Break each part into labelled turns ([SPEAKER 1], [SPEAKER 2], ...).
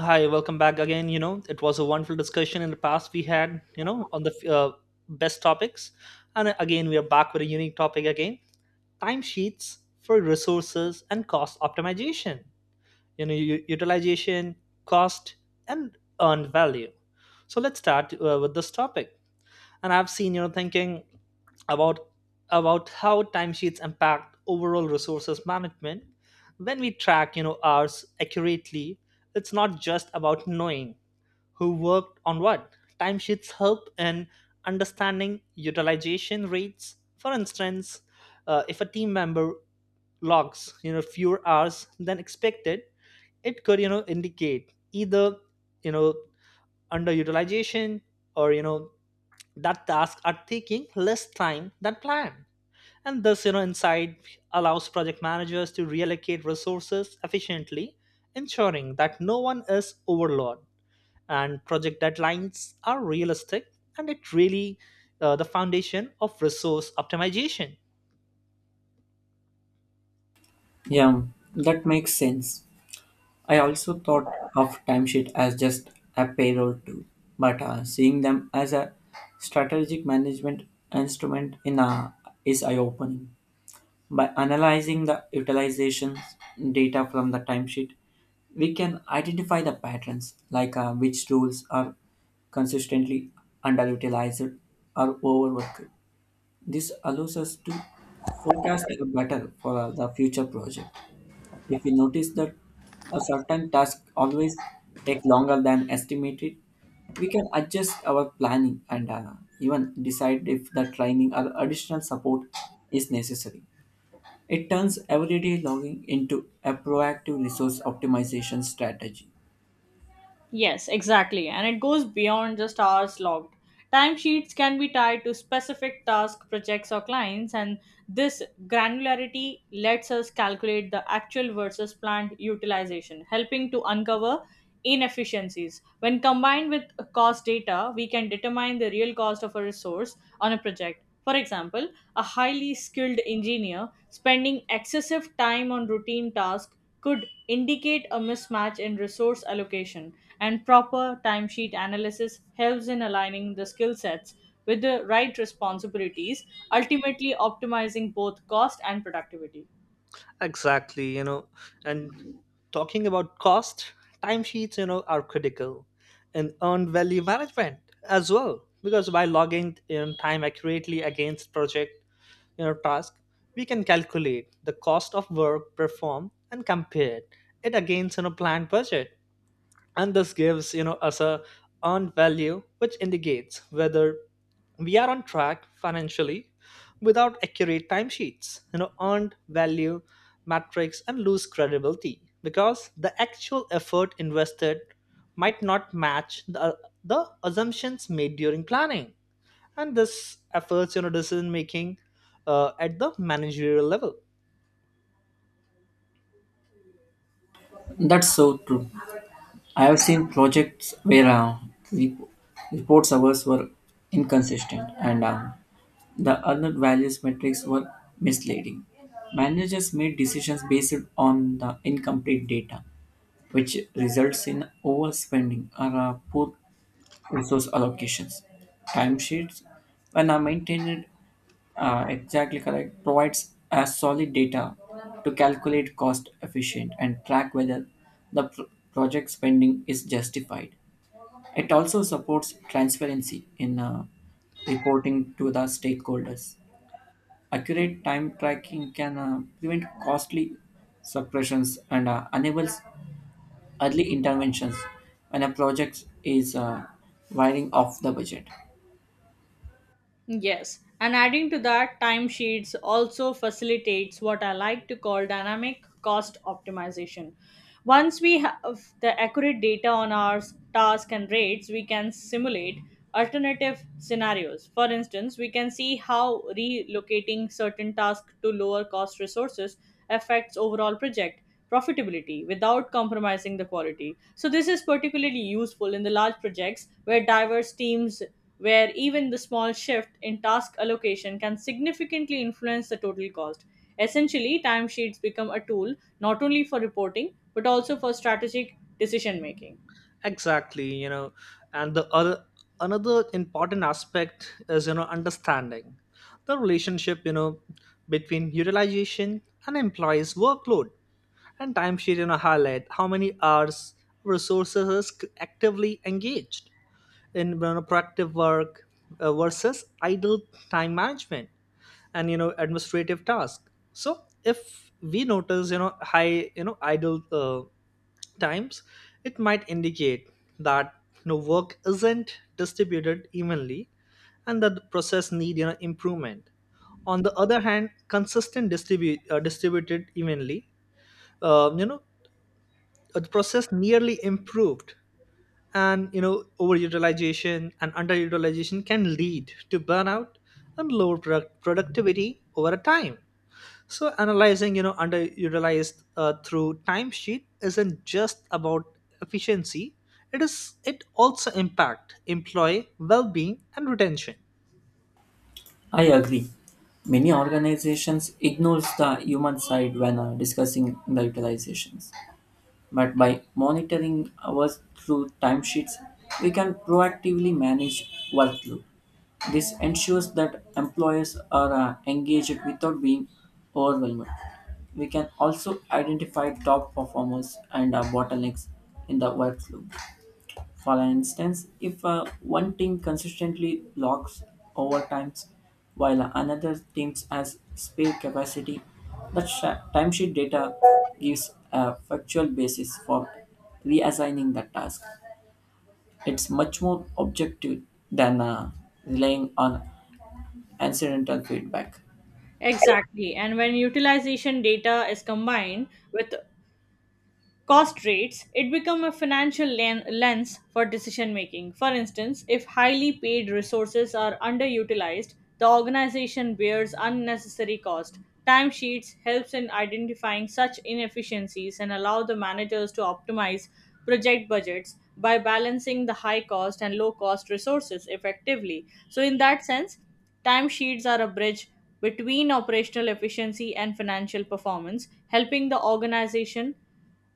[SPEAKER 1] Hi, welcome back again. It was a wonderful discussion in the past we had, on the best topics. And again, we are back with a unique topic again, timesheets for resources and cost optimization, utilization, cost, and earned value. So let's start with this topic. And I've seen, thinking about about how timesheets impact overall resources management when we track hours accurately. It's not just about knowing who worked on what. Timesheets help in understanding utilization rates. For instance, if a team member logs fewer hours than expected, it could indicate either you know underutilization or that tasks are taking less time than planned. And this insight allows project managers to reallocate resources efficiently, ensuring that no one is overloaded and project deadlines are realistic, and it really, the foundation of resource optimization.
[SPEAKER 2] Yeah, that makes sense. I also thought of timesheet as just a payroll tool, but seeing them as a strategic management instrument in a, is eye-opening. By analyzing the utilizations data from the timesheet, we can identify the patterns, like which tools are consistently underutilized or overworked. This allows us to forecast better for the future project. If we notice that a certain task always take longer than estimated, we can adjust our planning and even decide if the training or additional support is necessary. It turns everyday logging into a proactive resource optimization strategy.
[SPEAKER 3] Yes, exactly. And it goes beyond just hours logged. Timesheets can be tied to specific tasks, projects, or clients, and this granularity lets us calculate the actual versus planned utilization, helping to uncover inefficiencies. When combined with cost data, we can determine the real cost of a resource on a project. For example, a highly skilled engineer spending excessive time on routine tasks could indicate a mismatch in resource allocation, and proper timesheet analysis helps in aligning the skill sets with the right responsibilities, ultimately optimizing both cost and productivity.
[SPEAKER 1] Exactly, and talking about cost, timesheets are critical in earned value management as well, because by logging in time accurately against project, task, we can calculate the cost of work performed and compare it against planned budget. And this gives us a earned value, which indicates whether we are on track financially. Without accurate timesheets, earned value metrics and lose credibility because the actual effort invested might not match the assumptions made during planning, and this efforts, decision making at the managerial level.
[SPEAKER 2] That's so true. I have seen projects where rep- reports hours were inconsistent and the other values metrics were misleading. Managers made decisions based on the incomplete data, which results in overspending or poor resource allocations. Timesheets, when are maintained exactly correct, provides a solid data to calculate cost efficient and track whether the project spending is justified. It also supports transparency in reporting to the stakeholders. Accurate time tracking can prevent costly suppressions and enables early interventions when a project is wiring off the budget.
[SPEAKER 3] Yes, and adding to that, timesheets also facilitates what I like to call dynamic cost optimization. Once we have the accurate data on our task and rates, we can simulate alternative scenarios. For instance, we can see how relocating certain tasks to lower cost resources affects overall project profitability without compromising the quality. So this is particularly useful in the large projects where diverse teams, where even the small shift in task allocation can significantly influence the total cost. Essentially, timesheets become a tool not only for reporting but also for strategic decision making.
[SPEAKER 1] Exactly, and the other another important aspect is understanding the relationship, between utilization and employees workload. And timesheet, highlight how many hours resources is actively engaged in, productive work, versus idle time management and administrative task. So if we notice, high, idle, times, it might indicate that, work isn't distributed evenly and that the process need, improvement. On the other hand, consistent distribute, distributed evenly, um, you know the process nearly improved, and overutilization and underutilization can lead to burnout and lower productivity over a time. So analyzing, underutilized through timesheet isn't just about efficiency. It also impact employee well-being and retention.
[SPEAKER 2] I agree. Many organizations ignores the human side when discussing the utilizations. But by monitoring hours through timesheets, we can proactively manage workload. This ensures that employers are engaged without being overwhelmed. We can also identify top performers and bottlenecks in the workflow. For instance, if one team consistently locks overtimes while another team has spare capacity, timesheet data gives a factual basis for reassigning the task. It's much more objective than relying on incidental feedback.
[SPEAKER 3] Exactly. And when utilization data is combined with cost rates, it become a financial lens for decision making. For instance, if highly paid resources are underutilized, the organization bears unnecessary cost. Timesheets helps in identifying such inefficiencies and allow the managers to optimize project budgets by balancing the high cost and low cost resources effectively. So in that sense, timesheets are a bridge between operational efficiency and financial performance, helping the organization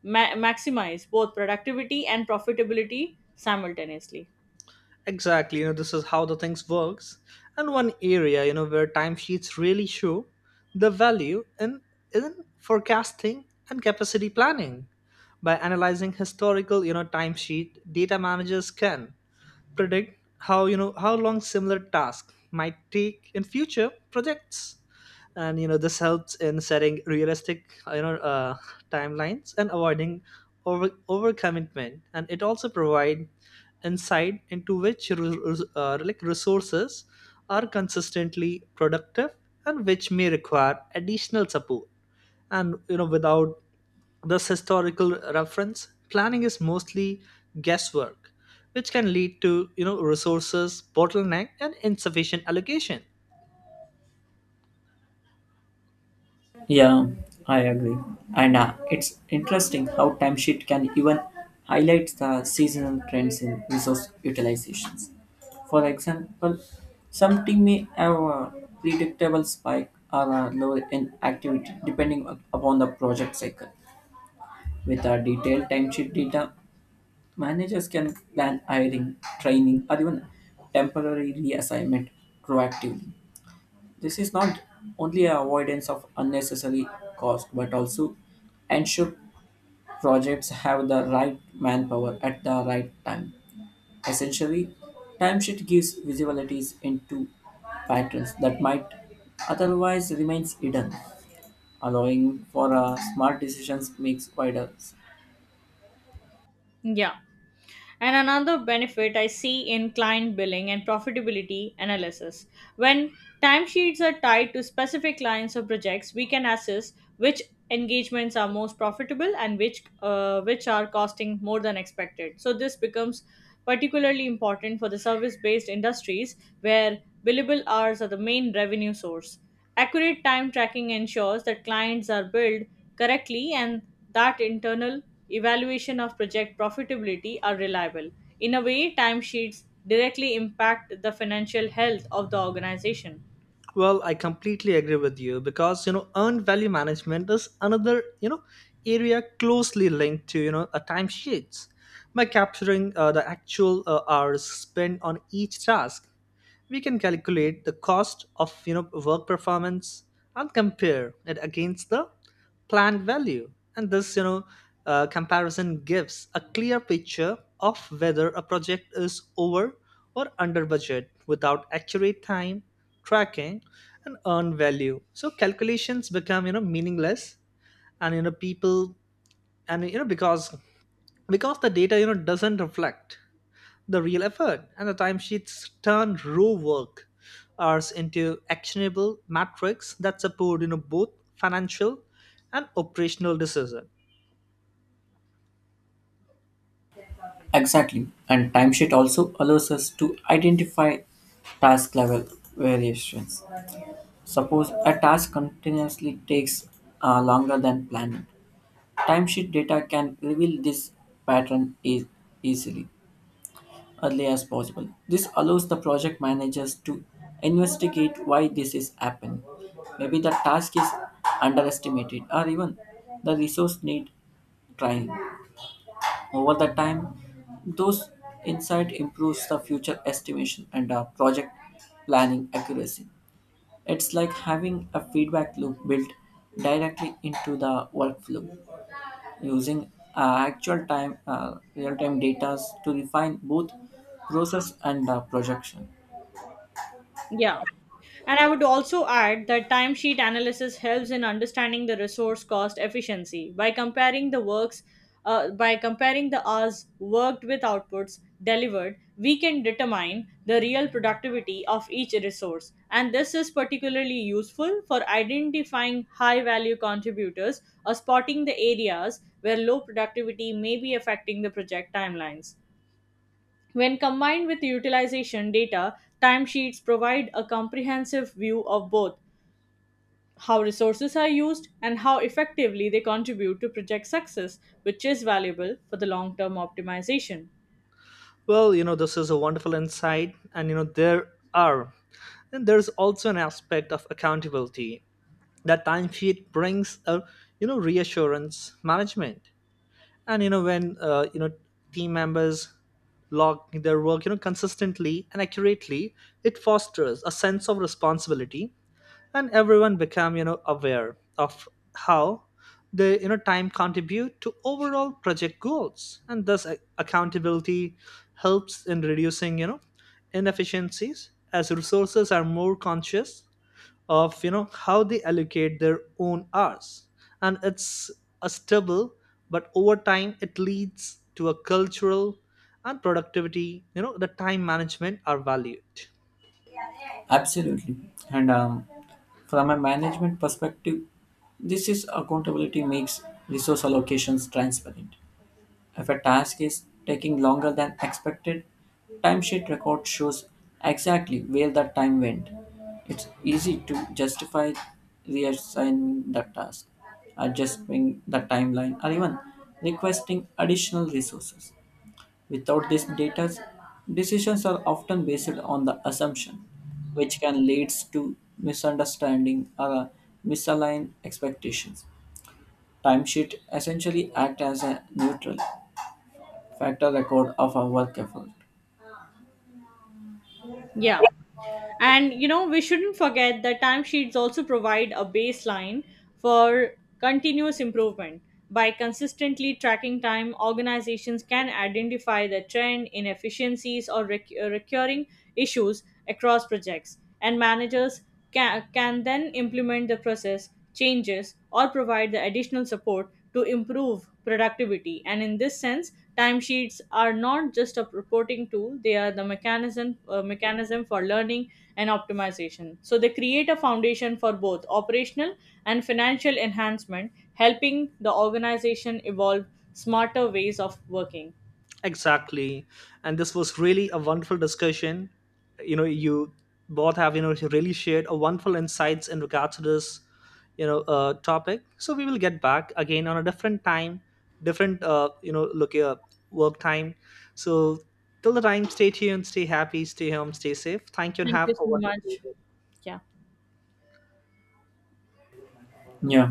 [SPEAKER 3] maximize both productivity and profitability simultaneously.
[SPEAKER 1] Exactly, this is how the things works. And one area, where timesheets really show the value in forecasting and capacity planning. By analyzing historical, timesheet, data managers can predict how you know how long similar tasks might take in future projects. And this helps in setting realistic, you know uh, timelines, and avoiding overcommitment. And it also provides insight into which resources are consistently productive and which may require additional support. And, you know without thus, historical reference planning is mostly guesswork, which can lead to, resources bottleneck and insufficient allocation.
[SPEAKER 2] Yeah, I agree. And it's interesting how timesheet can even highlight the seasonal trends in resource utilizations. For example, some team may have a predictable spike or a low in activity depending upon the project cycle. With our detailed timesheet data, managers can plan hiring, training, or even temporary reassignment proactively. This is not only an avoidance of unnecessary cost, but also ensure projects have the right manpower at the right time. Essentially, timesheet gives visibilities into patterns that might otherwise remain hidden, allowing for a smart decisions makes wider.
[SPEAKER 3] Yeah. And another benefit I see in client billing and profitability analysis. When timesheets are tied to specific clients or projects, we can assess which engagements are most profitable and which which are costing more than expected. So this becomes particularly important for the service based industries where billable hours are the main revenue source. Accurate time tracking ensures that clients are billed correctly and that internal evaluation of project profitability are reliable. In a way, timesheets directly impact the financial health of the organization.
[SPEAKER 1] Well, I completely agree with you, because earned value management is another, area closely linked to, a timesheets. By capturing, the actual, hours spent on each task, we can calculate the cost of, work performance, and compare it against the planned value. And this, comparison gives a clear picture of whether a project is over or under budget. Without accurate time tracking and earn value, so calculations become, meaningless, and you know people and you know because the data, doesn't reflect the real effort. And the timesheets turn raw work hours into actionable metrics that support, both financial and operational decision.
[SPEAKER 2] Exactly, and timesheet also allows us to identify task level variations. Suppose a task continuously takes longer than planned. Timesheet data can reveal this pattern easily, early as possible. This allows the project managers to investigate why this is happening. Maybe the task is underestimated or even the resource need trying. Over the time, those insight improves the future estimation and project planning accuracy. It's like having a feedback loop built directly into the workflow, using actual time, real time data to refine both process and projection.
[SPEAKER 3] Yeah. And I would also add that timesheet analysis helps in understanding the resource cost efficiency by comparing the hours worked with outputs delivered, we can determine the real productivity of each resource, and this is particularly useful for identifying high value contributors or spotting the areas where low productivity may be affecting the project timelines. When combined with utilization data, timesheets provide a comprehensive view of both how resources are used and how effectively they contribute to project success, which is valuable for the long term optimization.
[SPEAKER 1] Well, this is a wonderful insight. And, you know there are and there's also an aspect of accountability that timesheet brings, a, reassurance management. And, you know when you know team members log their work, consistently and accurately, it fosters a sense of responsibility, and everyone become, aware of how they, time contribute to overall project goals. And thus accountability helps in reducing, inefficiencies, as resources are more conscious of, how they allocate their own hours. And it's a stubble, but over time it leads to a cultural and productivity, the time management are valued.
[SPEAKER 2] Absolutely. And from a management perspective, this is accountability makes resource allocations transparent. If a task is taking longer than expected, timesheet record shows exactly where that time went. It's easy to justify reassigning the task, adjusting the timeline, or even requesting additional resources. Without this data, decisions are often based on the assumption, which can lead to misunderstanding or misaligned expectations. Timesheet essentially act as a neutral factor record of our work effort.
[SPEAKER 3] Yeah. And you know, we shouldn't forget that timesheets also provide a baseline for continuous improvement. By consistently tracking time, organizations can identify the trend, in efficiencies or recurring issues across projects. And managers can then implement the process changes or provide the additional support to improve productivity. And in this sense, timesheets are not just a reporting tool, they are the mechanism for learning and optimization. So they create a foundation for both operational and financial enhancement, helping the organization evolve smarter ways of working.
[SPEAKER 1] Exactly. And this was really a wonderful discussion. You both have, really shared a wonderful insights in regards to this, topic. So we will get back again on a different time, different, look, work time. So till the time, stay tuned, stay happy, stay home, stay safe. Thank you and
[SPEAKER 3] Thank
[SPEAKER 1] have
[SPEAKER 3] you
[SPEAKER 1] a
[SPEAKER 3] so
[SPEAKER 1] wonderful
[SPEAKER 3] much.
[SPEAKER 1] day.
[SPEAKER 3] Yeah.
[SPEAKER 2] Yeah.